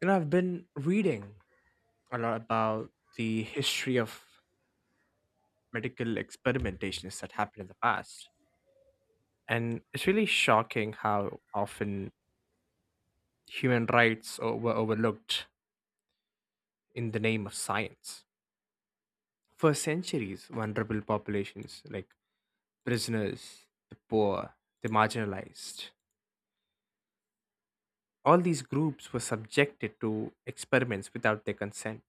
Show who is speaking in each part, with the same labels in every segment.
Speaker 1: You know, I've been reading a lot about the history of medical experimentations that happened in the past. And it's really shocking how often human rights were overlooked in the name of science. For centuries, vulnerable populations like prisoners, the poor, the marginalized, all these groups were subjected to experiments without their consent.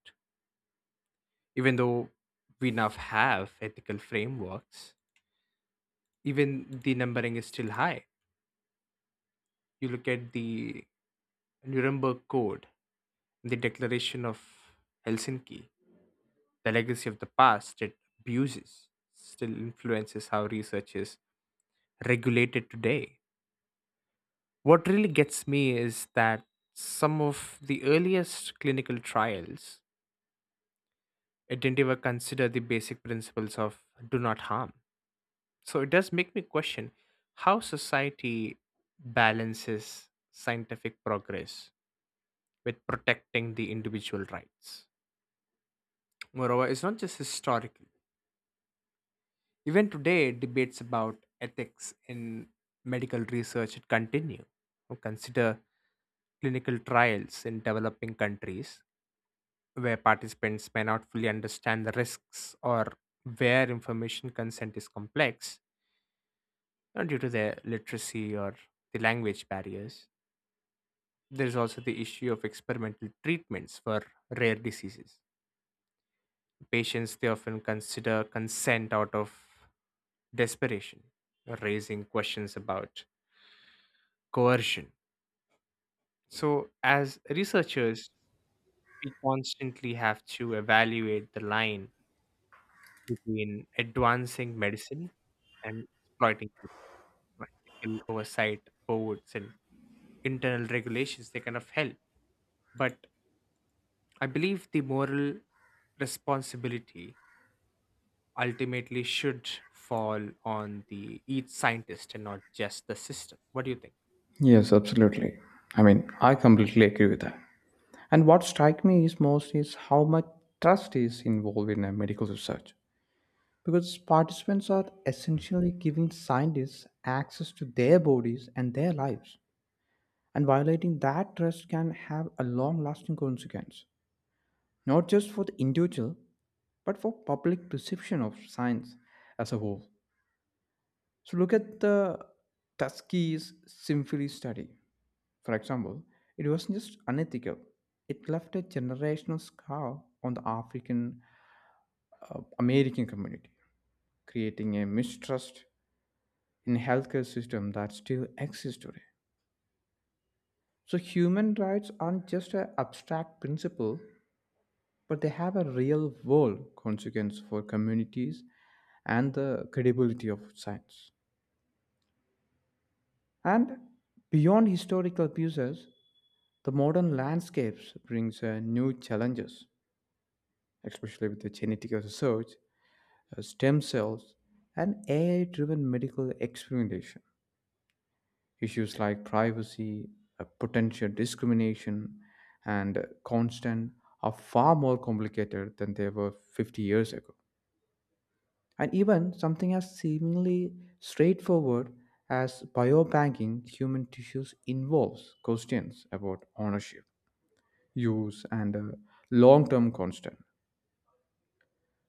Speaker 1: Even though we now have ethical frameworks, even the numbering is still high. You look at the Nuremberg Code, the Declaration of Helsinki, the legacy of the past it abuses still influences how research is regulated today. What really gets me is that some of the earliest clinical trials it didn't even consider the basic principles of do not harm. So it does make me question how society balances scientific progress with protecting the individual rights. Moreover, it's not just historical. Even today, debates about ethics in medical research continue. Now, consider clinical trials in developing countries where participants may not fully understand the risks or where information consent is complex due to their literacy or the language barriers. There is also the issue of experimental treatments for rare diseases. Patients they often consider consent out of desperation, raising questions about coercion. So, as researchers, we constantly have to evaluate the line between advancing medicine and exploiting it. Like, ethical oversight boards and internal regulations, they kind of help. But I believe the moral responsibility ultimately should fall on the each scientist and not just the system. What do you think?
Speaker 2: Yes, absolutely. I mean, I completely agree with that. And what strikes me is most is how much trust is involved in a medical research, because participants are essentially giving scientists access to their bodies and their lives. And violating that trust can have a long lasting consequence, not just for the individual, but for public perception of science as a whole. So look at the Tuskegee syphilis study. For example, it wasn't just unethical, it left a generational scar on the African American community, creating a mistrust in healthcare system that still exists today. So human rights aren't just an abstract principle, but they have a real world consequence for communities and the credibility of science. And beyond historical abuses, the modern landscapes brings new challenges, especially with the genetic research, stem cells, and AI driven medical experimentation. Issues like privacy, potential discrimination, and consent are far more complicated than they were 50 years ago. And even something as seemingly straightforward as biobanking human tissues involves questions about ownership, use, and long term constant.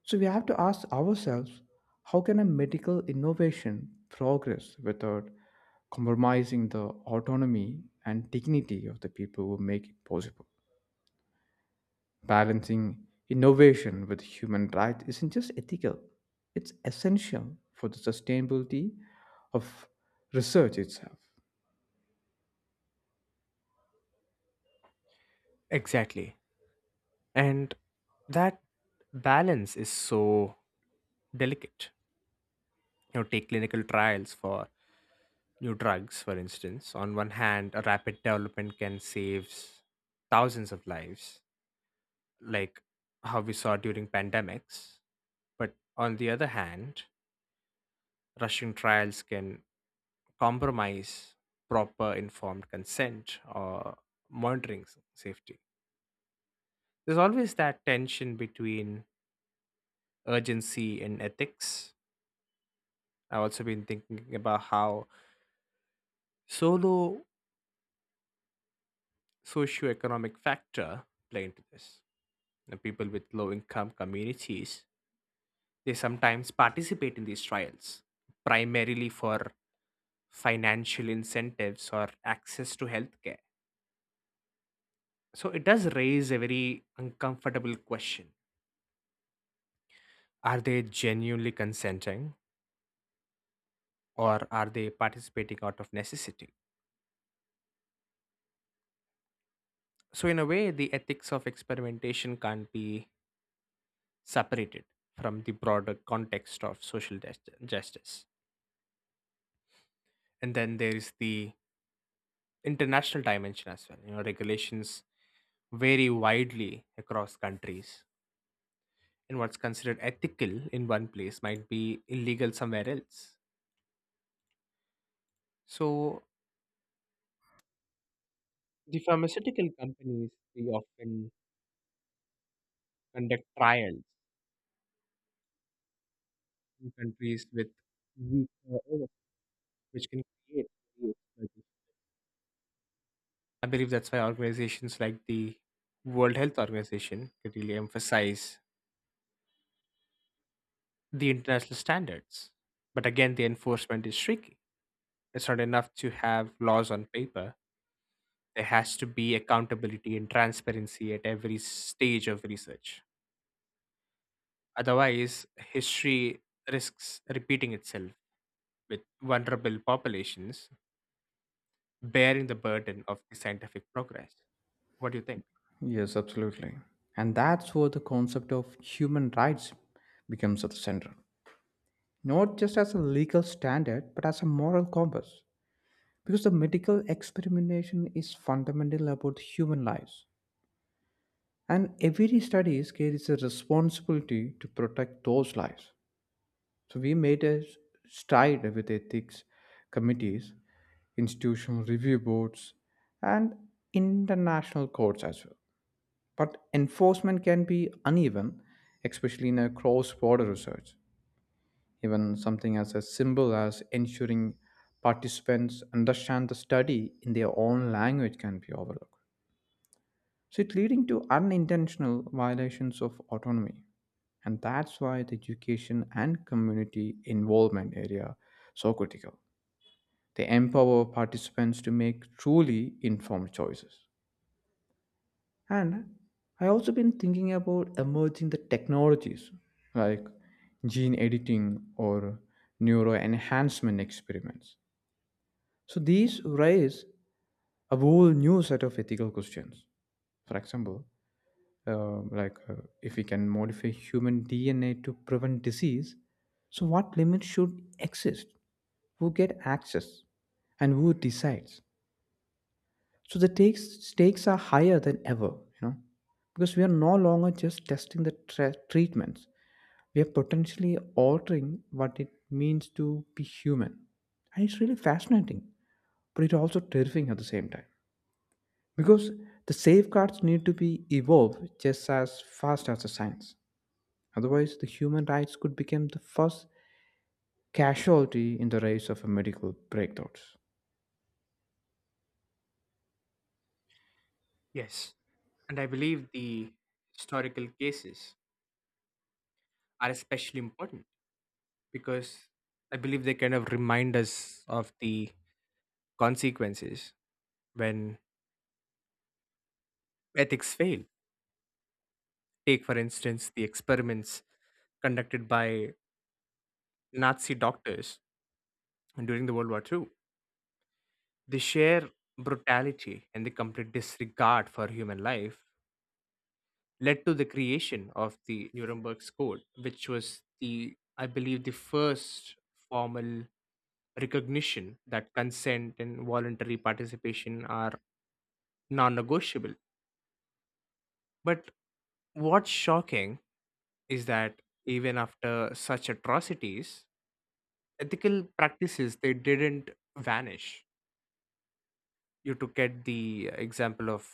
Speaker 2: So we have to ask ourselves, how can a medical innovation progress without compromising the autonomy and dignity of the people who make it possible? Balancing innovation with human rights isn't just ethical, it's essential for the sustainability of research itself.
Speaker 1: Exactly. And that balance is so delicate. Take clinical trials for new drugs, for instance. On one hand, a rapid development can save thousands of lives, like how we saw during pandemics. But on the other hand, rushing trials can compromise proper informed consent or monitoring safety. There's always that tension between urgency and ethics. I've also been thinking about how solo socioeconomic factor play into this. You know, people with low income communities they sometimes participate in these trials primarily for financial incentives or access to healthcare. So it does raise a very uncomfortable question. Are they genuinely consenting or are they participating out of necessity? So in a way the ethics of experimentation can't be separated from the broader context of social justice. And then there is the international dimension as well. You know, regulations vary widely across countries, and what's considered ethical in one place might be illegal somewhere else. So, the pharmaceutical companies they often conduct trials in countries with weak oversight, which can create the exploitation. I believe that's why organizations like the World Health Organization could really emphasize the international standards. But again, the enforcement is tricky. It's not enough to have laws on paper. There has to be accountability and transparency at every stage of research. Otherwise, history risks repeating itself with vulnerable populations bearing the burden of the scientific progress. What do you think?
Speaker 2: Yes, absolutely. And that's where the concept of human rights becomes at the center, not just as a legal standard, but as a moral compass, because the medical experimentation is fundamental about human lives and every study carries a responsibility to protect those lives. So we made a stride with ethics committees, institutional review boards, and international courts as well, but enforcement can be uneven, especially in a cross-border research. Even something as a simple as ensuring participants understand the study in their own language can be overlooked. So it's leading to unintentional violations of autonomy. And that's why the education and community involvement area are so critical. They empower participants to make truly informed choices. And I also been thinking about emerging the technologies like gene editing or neuro enhancement experiments. So these raise a whole new set of ethical questions. For example, uh, like uh, if we can modify human DNA to prevent disease, so what limits should exist? Who get access, and who decides? So the stakes are higher than ever, you know, because we are no longer just testing the treatments. We are potentially altering what it means to be human, and it's really fascinating, but it's also terrifying at the same time, because the safeguards need to be evolved just as fast as the science. Otherwise, the human rights could become the first casualty in the race of a medical breakthroughs.
Speaker 1: Yes. And I believe the historical cases are especially important because I believe they kind of remind us of the consequences when ethics fail. Take, for instance, the experiments conducted by Nazi doctors during the World War II. The sheer brutality and the complete disregard for human life led to the creation of the Nuremberg Code, which was the, I believe, the first formal recognition that consent and voluntary participation are non negotiable. But what's shocking is that even after such atrocities, ethical practices they didn't vanish. You took at the example of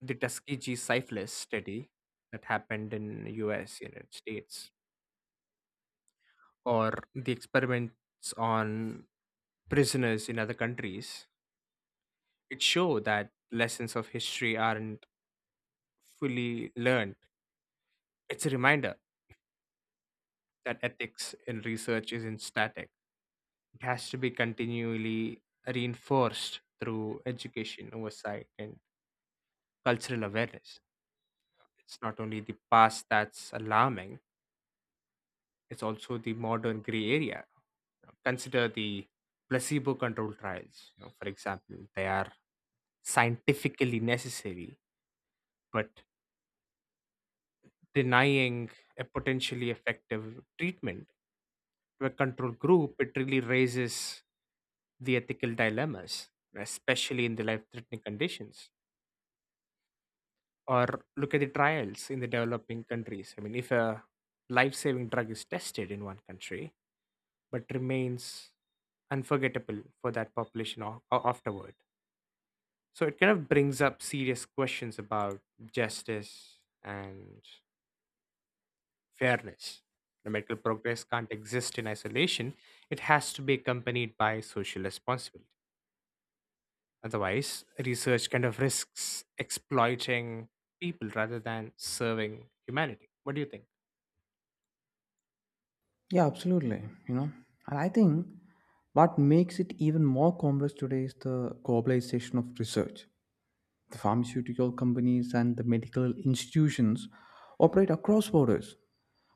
Speaker 1: the Tuskegee syphilis study that happened in U.S. United States, or the experiments on prisoners in other countries. It show that lessons of history aren't fully learned. It's a reminder that ethics in research isn't static. It has to be continually reinforced through education, oversight, and cultural awareness. It's not only the past that's alarming, it's also the modern gray area. Consider the placebo controlled trials, for example. They are scientifically necessary, but denying a potentially effective treatment to a control group, it really raises the ethical dilemmas, especially in the life threatening conditions. Or look at the trials in the developing countries. I mean, if a life saving drug is tested in one country, but remains unforgettable for that population afterward. So it kind of brings up serious questions about justice and fairness. The medical progress can't exist in isolation, it has to be accompanied by social responsibility. Otherwise, research kind of risks exploiting people rather than serving humanity. What do you think?
Speaker 2: Yeah, absolutely. You know, and I think what makes it even more complex today is the globalization of research. The pharmaceutical companies and the medical institutions operate across borders,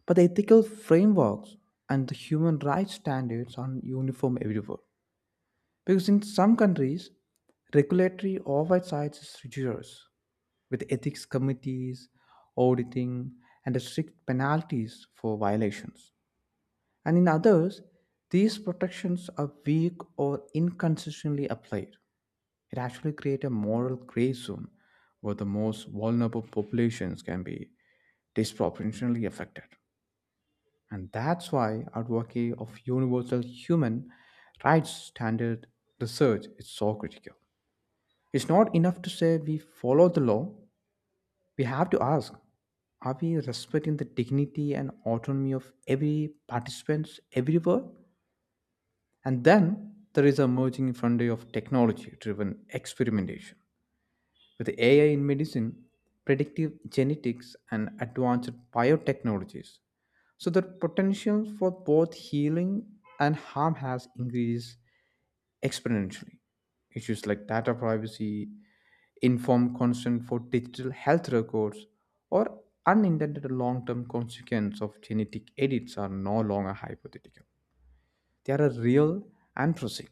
Speaker 2: but the ethical frameworks and the human rights standards aren't uniform everywhere. Because in some countries, regulatory oversight is rigorous, with ethics committees, auditing, and strict penalties for violations. And in others, these protections are weak or inconsistently applied. It actually creates a moral gray zone where the most vulnerable populations can be disproportionately affected. And that's why advocacy of universal human rights standard research is so critical. It's not enough to say we follow the law, we have to ask, are we respecting the dignity and autonomy of every participant everywhere? And then there is a emerging frontier of technology driven experimentation, with AI in medicine, predictive genetics, and advanced biotechnologies. So the potential for both healing and harm has increased exponentially. Issues like data privacy, informed consent for digital health records, or unintended long term consequences of genetic edits are no longer hypothetical. They are real and pressing.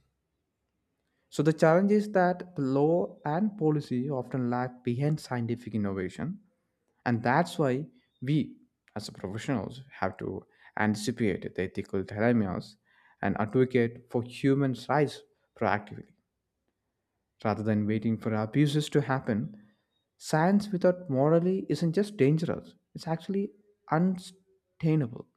Speaker 2: So the challenge is that the law and policy often lag behind scientific innovation, and that's why we, as professionals, have to anticipate the ethical dilemmas and advocate for human rights proactively, rather than waiting for abuses to happen. Science without morality isn't just dangerous, it's actually unsustainable.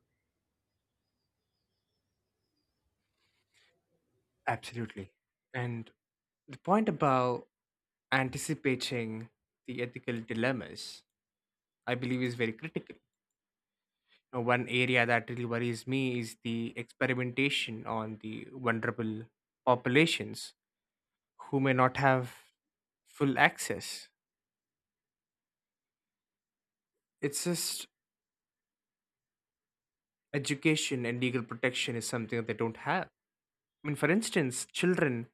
Speaker 1: Absolutely. And the point about anticipating the ethical dilemmas I believe is very critical. One area that really worries me is the experimentation on the vulnerable populations who may not have full access. It's just education and legal protection is something that they don't have. I mean, for instance, children,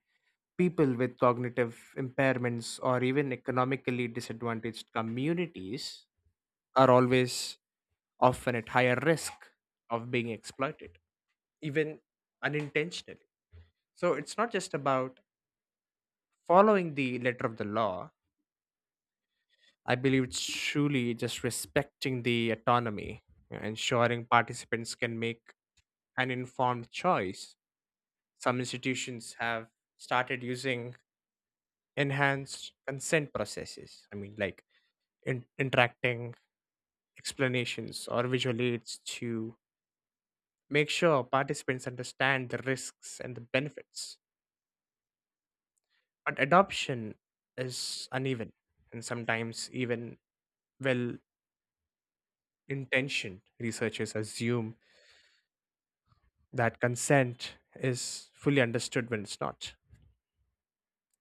Speaker 1: people with cognitive impairments, or even economically disadvantaged communities are always often at higher risk of being exploited, even unintentionally. So it's not just about following the letter of the law, I believe it's truly just respecting the autonomy, ensuring participants can make an informed choice. Some institutions have started using enhanced consent processes. I mean, like interacting explanations or visual aids to make sure participants understand the risks and the benefits. But adoption is uneven and sometimes even well intention, researchers assume that consent is fully understood when it's not.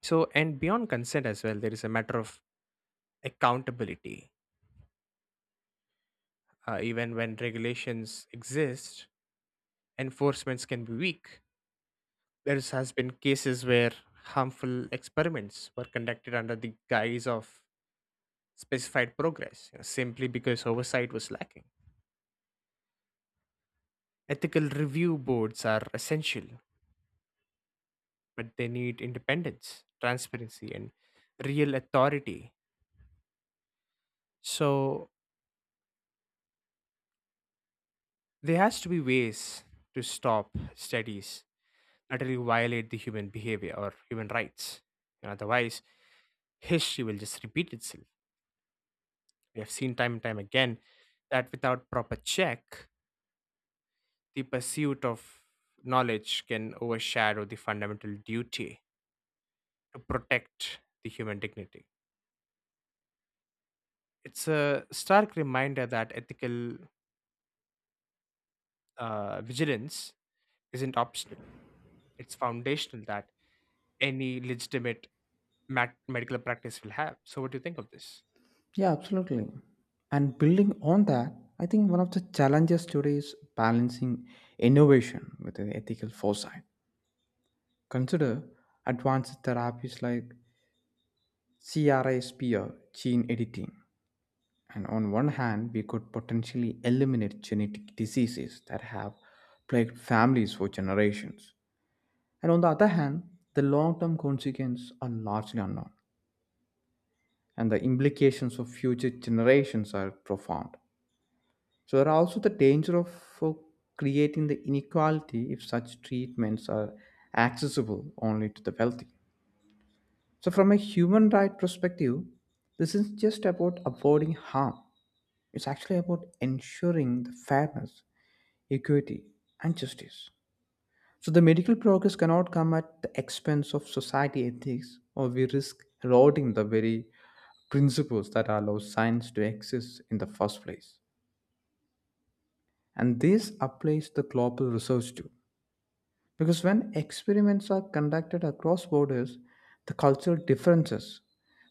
Speaker 1: So, and beyond consent as well, there is a matter of accountability. Even when regulations exist, enforcements can be weak. There has been cases where harmful experiments were conducted under the guise of specified progress, simply because oversight was lacking. Ethical review boards are essential but they need independence, transparency, and real authority. So there has to be ways to stop studies that really violate the human behavior or human rights. And otherwise, history will just repeat itself. We have seen time and time again that without proper check, the pursuit of knowledge can overshadow the fundamental duty to protect the human dignity. It's a stark reminder that ethical vigilance isn't optional. It's foundational that any legitimate medical practice will have. So, what do you think of this?
Speaker 2: Yeah, absolutely. And building on that, I think one of the challenges today is balancing innovation with an ethical foresight. Consider advanced therapies like CRISPR gene editing. And on one hand, we could potentially eliminate genetic diseases that have plagued families for generations. And on the other hand, the long term consequences are largely unknown, and the implications of future generations are profound. So there are also the danger of uh, creating the inequality if such treatments are accessible only to the wealthy. So, from a human right perspective, this is just about avoiding harm. It's actually about ensuring the fairness, equity, and justice. So the medical progress cannot come at the expense of society ethics, or we risk eroding the very principles that allow science to exist in the first place. And this applies to global research too. Because when experiments are conducted across borders, the cultural differences,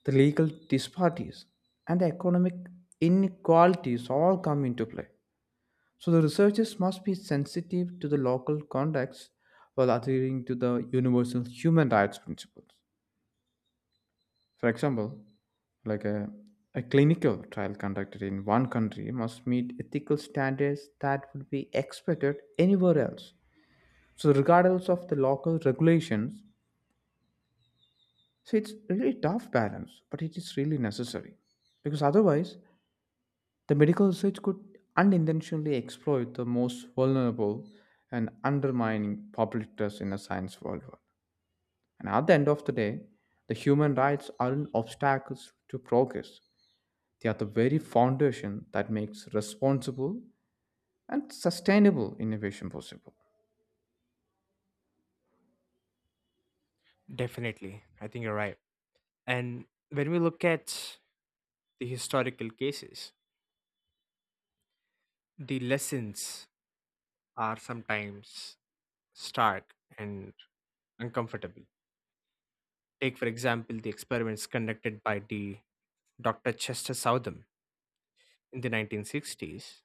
Speaker 2: the legal disparities, and the economic inequalities all come into play. So the researchers must be sensitive to the local context while adhering to the universal human rights principles. For example, like a, a clinical trial conducted in one country must meet ethical standards that would be expected anywhere else, so regardless of the local regulations. So it's really tough balance, but it is really necessary, because otherwise the medical research could unintentionally exploit the most vulnerable and undermining public trust in the science worldwide. And at the end of the day, the human rights aren't obstacles to progress. They are the very foundation that makes responsible and sustainable innovation possible.
Speaker 1: Definitely. I think you're right. And when we look at the historical cases, the lessons are sometimes stark and uncomfortable. Take, for example, the experiments conducted by the Dr. Chester Southam in the 1960s,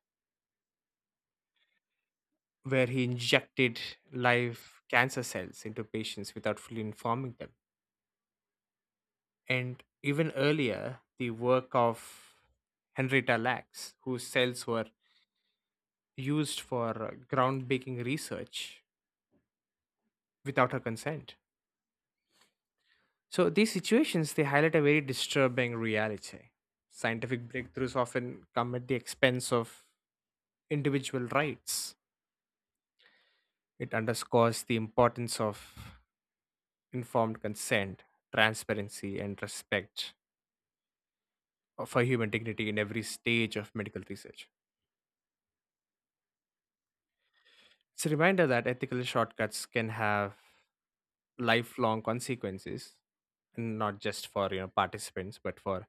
Speaker 1: where he injected live cancer cells into patients without fully informing them. And even earlier, the work of Henrietta Lacks, whose cells were used for groundbreaking research without her consent. So these situations, they highlight a very disturbing reality. Scientific breakthroughs often come at the expense of individual rights. It underscores the importance of informed consent, transparency, and respect for human dignity in every stage of medical research. It's a reminder that ethical shortcuts can have lifelong consequences, and not just for participants, but for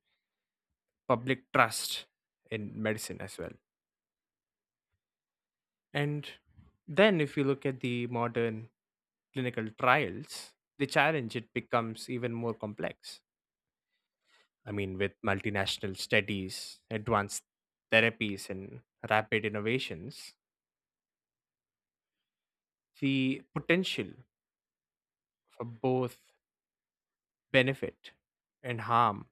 Speaker 1: public trust in medicine as well. And then if you look at the modern clinical trials, the challenge it becomes even more complex. I mean, with multinational studies, advanced therapies, and rapid innovations, the potential for both benefit and harm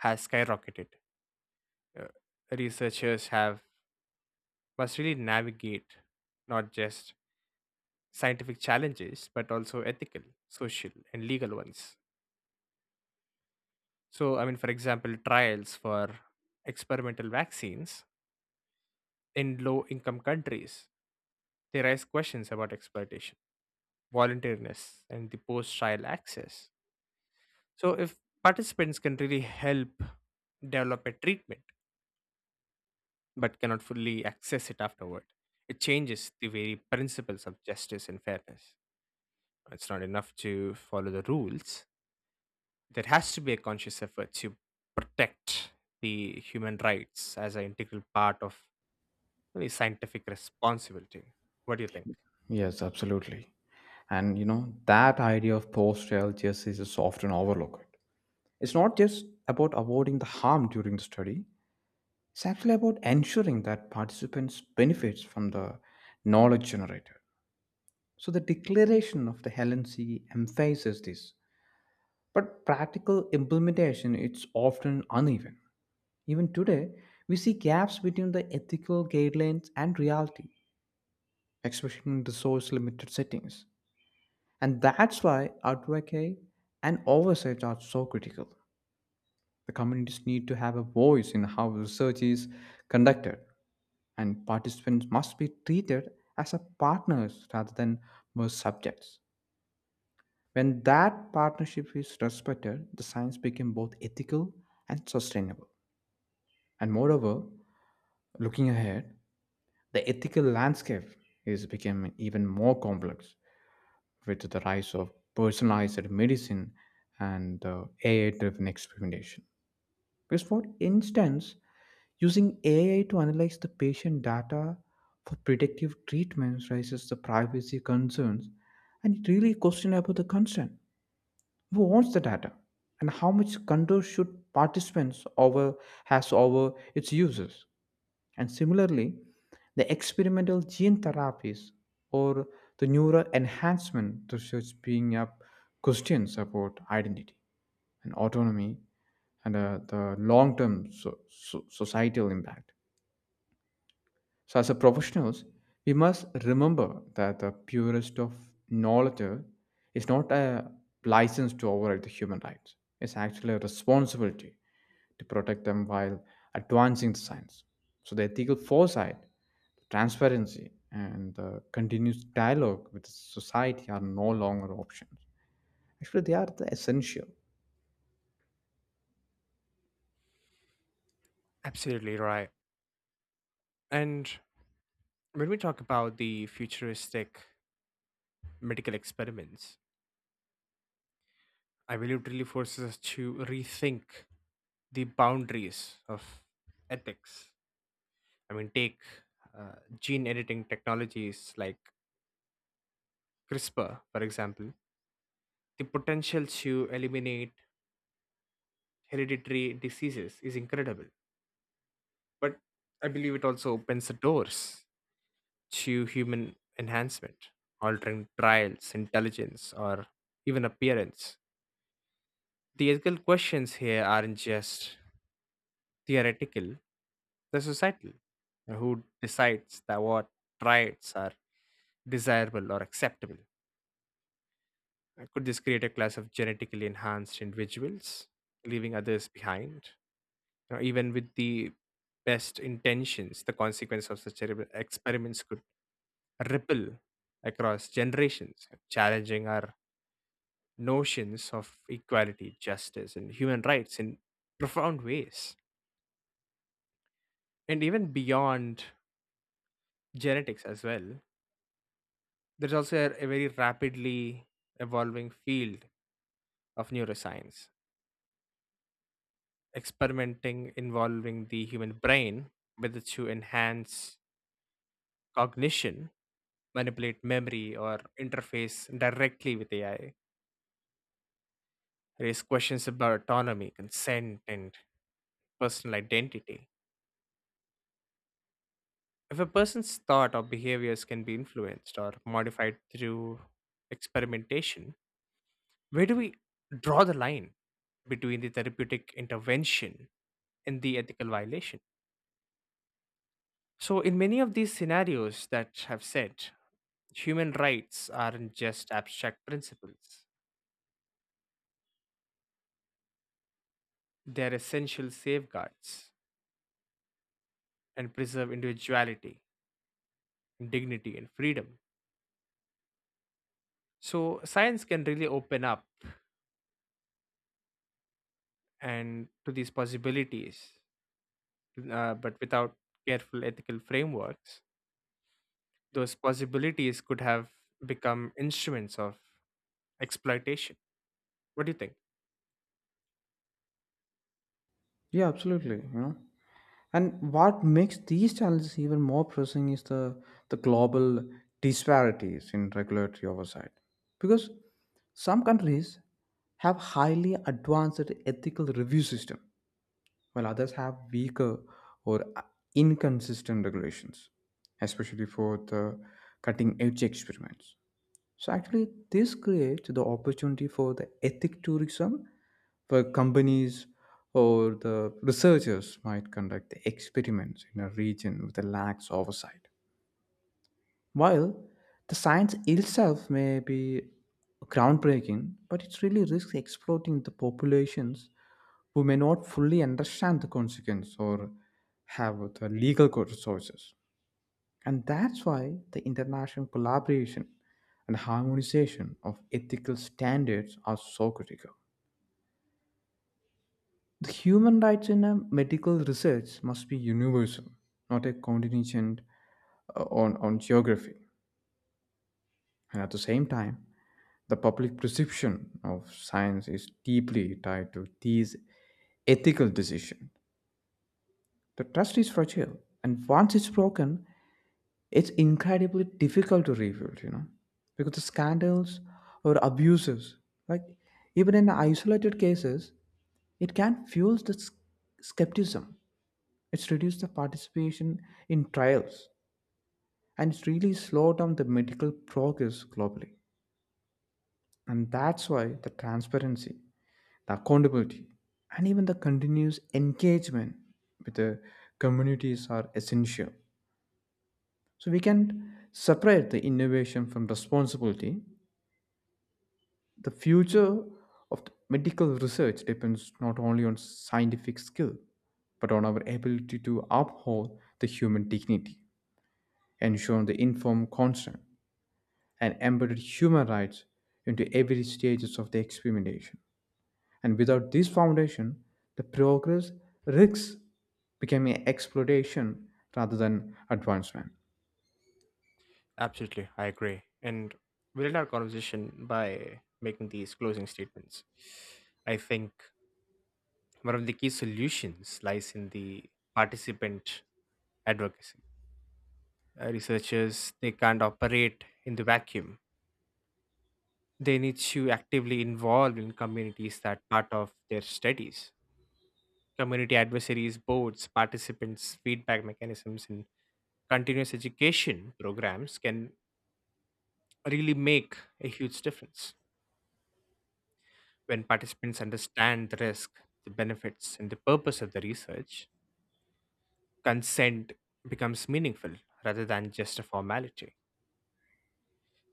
Speaker 1: has skyrocketed. Uh, Researchers have must really navigate not just scientific challenges but also ethical, social, and legal ones. So, I mean, for example, trials for experimental vaccines in low income countries, they raise questions about exploitation, voluntariness, and the post trial access. So, if participants can really help develop a treatment but cannot fully access it afterward, it changes the very principles of justice and fairness. It's not enough to follow the rules. There has to be a conscious effort to protect the human rights as an integral part of the scientific responsibility. What do you think?
Speaker 2: Yes, absolutely. And you know, that idea of post trial justice is often overlooked. It's not just about avoiding the harm during the study, it's actually about ensuring that participants benefits from the knowledge generated. So the declaration of the LNC emphasizes this, but practical implementation it's often uneven. Even today, we see gaps between the ethical guidelines and reality, especially in resource-limited settings. And that's why advocacy and oversight are so critical. The communities need to have a voice in how research is conducted, and participants must be treated as a partners rather than mere subjects. When that partnership is respected, the science becomes both ethical and sustainable. And moreover, looking ahead, the ethical landscape is becoming even more complex with the rise of personalized medicine and AI driven experimentation. Because, for instance, using AI to analyze the patient data for predictive treatments raises the privacy concerns, and it really question about the consent. Who owns the data, and how much control should participants over has over its users? And similarly, the experimental gene therapies or the neural enhancement research being up questions about identity and autonomy and the long-term societal impact. So, as a professionals, we must remember that the purest of knowledge is not a license to override the human rights. It's actually a responsibility to protect them while advancing the science. So the ethical foresight, transparency, and the continuous dialogue with society are no longer options. Actually, they are the essential.
Speaker 1: Absolutely right. And when we talk about the futuristic medical experiments, I believe it really forces us to rethink the boundaries of ethics. I mean, take gene editing technologies like CRISPR, for example. The potential to eliminate hereditary diseases is incredible but I believe it also opens the doors to human enhancement, altering trials, intelligence, or even appearance. The ethical questions here aren't just theoretical, they're societal. Who decides that what rights are desirable or acceptable? Could this create a class of genetically enhanced individuals, leaving others behind? You know, even with the best intentions, the consequence of such experiments could ripple across generations, challenging our notions of equality, justice, and human rights in profound ways. And even beyond genetics as well, there's also a very rapidly evolving field of neuroscience, experimenting involving the human brain, whether to enhance cognition, manipulate memory, or interface directly with AI, raise questions about autonomy, consent, and personal identity. If a person's thought or behaviors can be influenced or modified through experimentation, where do we draw the line between the therapeutic intervention and the ethical violation? So, in many of these scenarios that have said, human rights aren't just abstract principles, they're essential safeguards and preserve individuality, dignity, and freedom. So, science can really open up and to these possibilities but without careful ethical frameworks, those possibilities could have become instruments of exploitation. What do you think?
Speaker 2: Yeah, absolutely. You know. And what makes these challenges even more pressing is the global disparities in regulatory oversight. Because some countries have highly advanced ethical review system, while others have weaker or inconsistent regulations, especially for the cutting edge experiments. So actually, this creates the opportunity for the ethic tourism, where companies or the researchers might conduct the experiments in a region with a lax oversight. While the science itself may be groundbreaking, but it's really risks exploiting the populations who may not fully understand the consequence or have the legal resources. And that's why the international collaboration and harmonization of ethical standards are so critical. The human rights in a medical research must be universal, not a contingent on geography. And at the same time, the public perception of science is deeply tied to these ethical decisions. The trust is fragile, and once it's broken, it's incredibly difficult to rebuild, you know, because the scandals or abuses, like even in isolated cases, it can fuel the skepticism. It's reduced the participation in trials, and it's really slowed down the medical progress globally. And that's why the transparency, the accountability, and even the continuous engagement with the communities are essential, so we can separate the innovation from responsibility. The future of the medical research depends not only on scientific skill, but on our ability to uphold the human dignity, ensure the informed consent, and embed human rights into every stages of the experimentation. And without this foundation, the progress risks becoming exploitation rather than advancement.
Speaker 1: Absolutely, I agree. And we'll end our conversation by making these closing statements. I think one of the key solutions lies in the participant advocacy. Researchers they can't operate in the vacuum. They need to actively involve in communities that part of their studies. Community advisories boards, participants feedback mechanisms, and continuous education programs can really make a huge difference. When participants understand the risk, the benefits, and the purpose of the research, consent becomes meaningful rather than just a formality.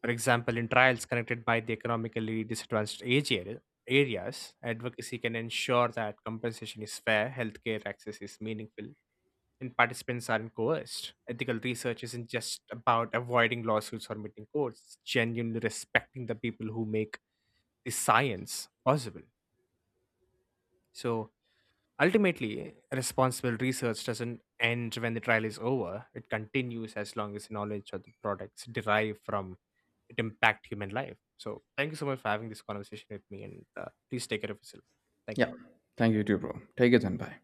Speaker 1: For example, in trials connected by the economically disadvantaged areas, advocacy can ensure that compensation is fair, healthcare access is meaningful, and participants aren't coerced. Ethical research isn't just about avoiding lawsuits or meeting courts, it's genuinely respecting the people who make the science possible. So ultimately, responsible research doesn't end when the trial is over, it continues as long as the knowledge of the products derived from it impact human life. So thank you so much for having this conversation with me and please take care of yourself. Thank you.
Speaker 2: Yeah. Thank you too, bro. Take it then. Bye.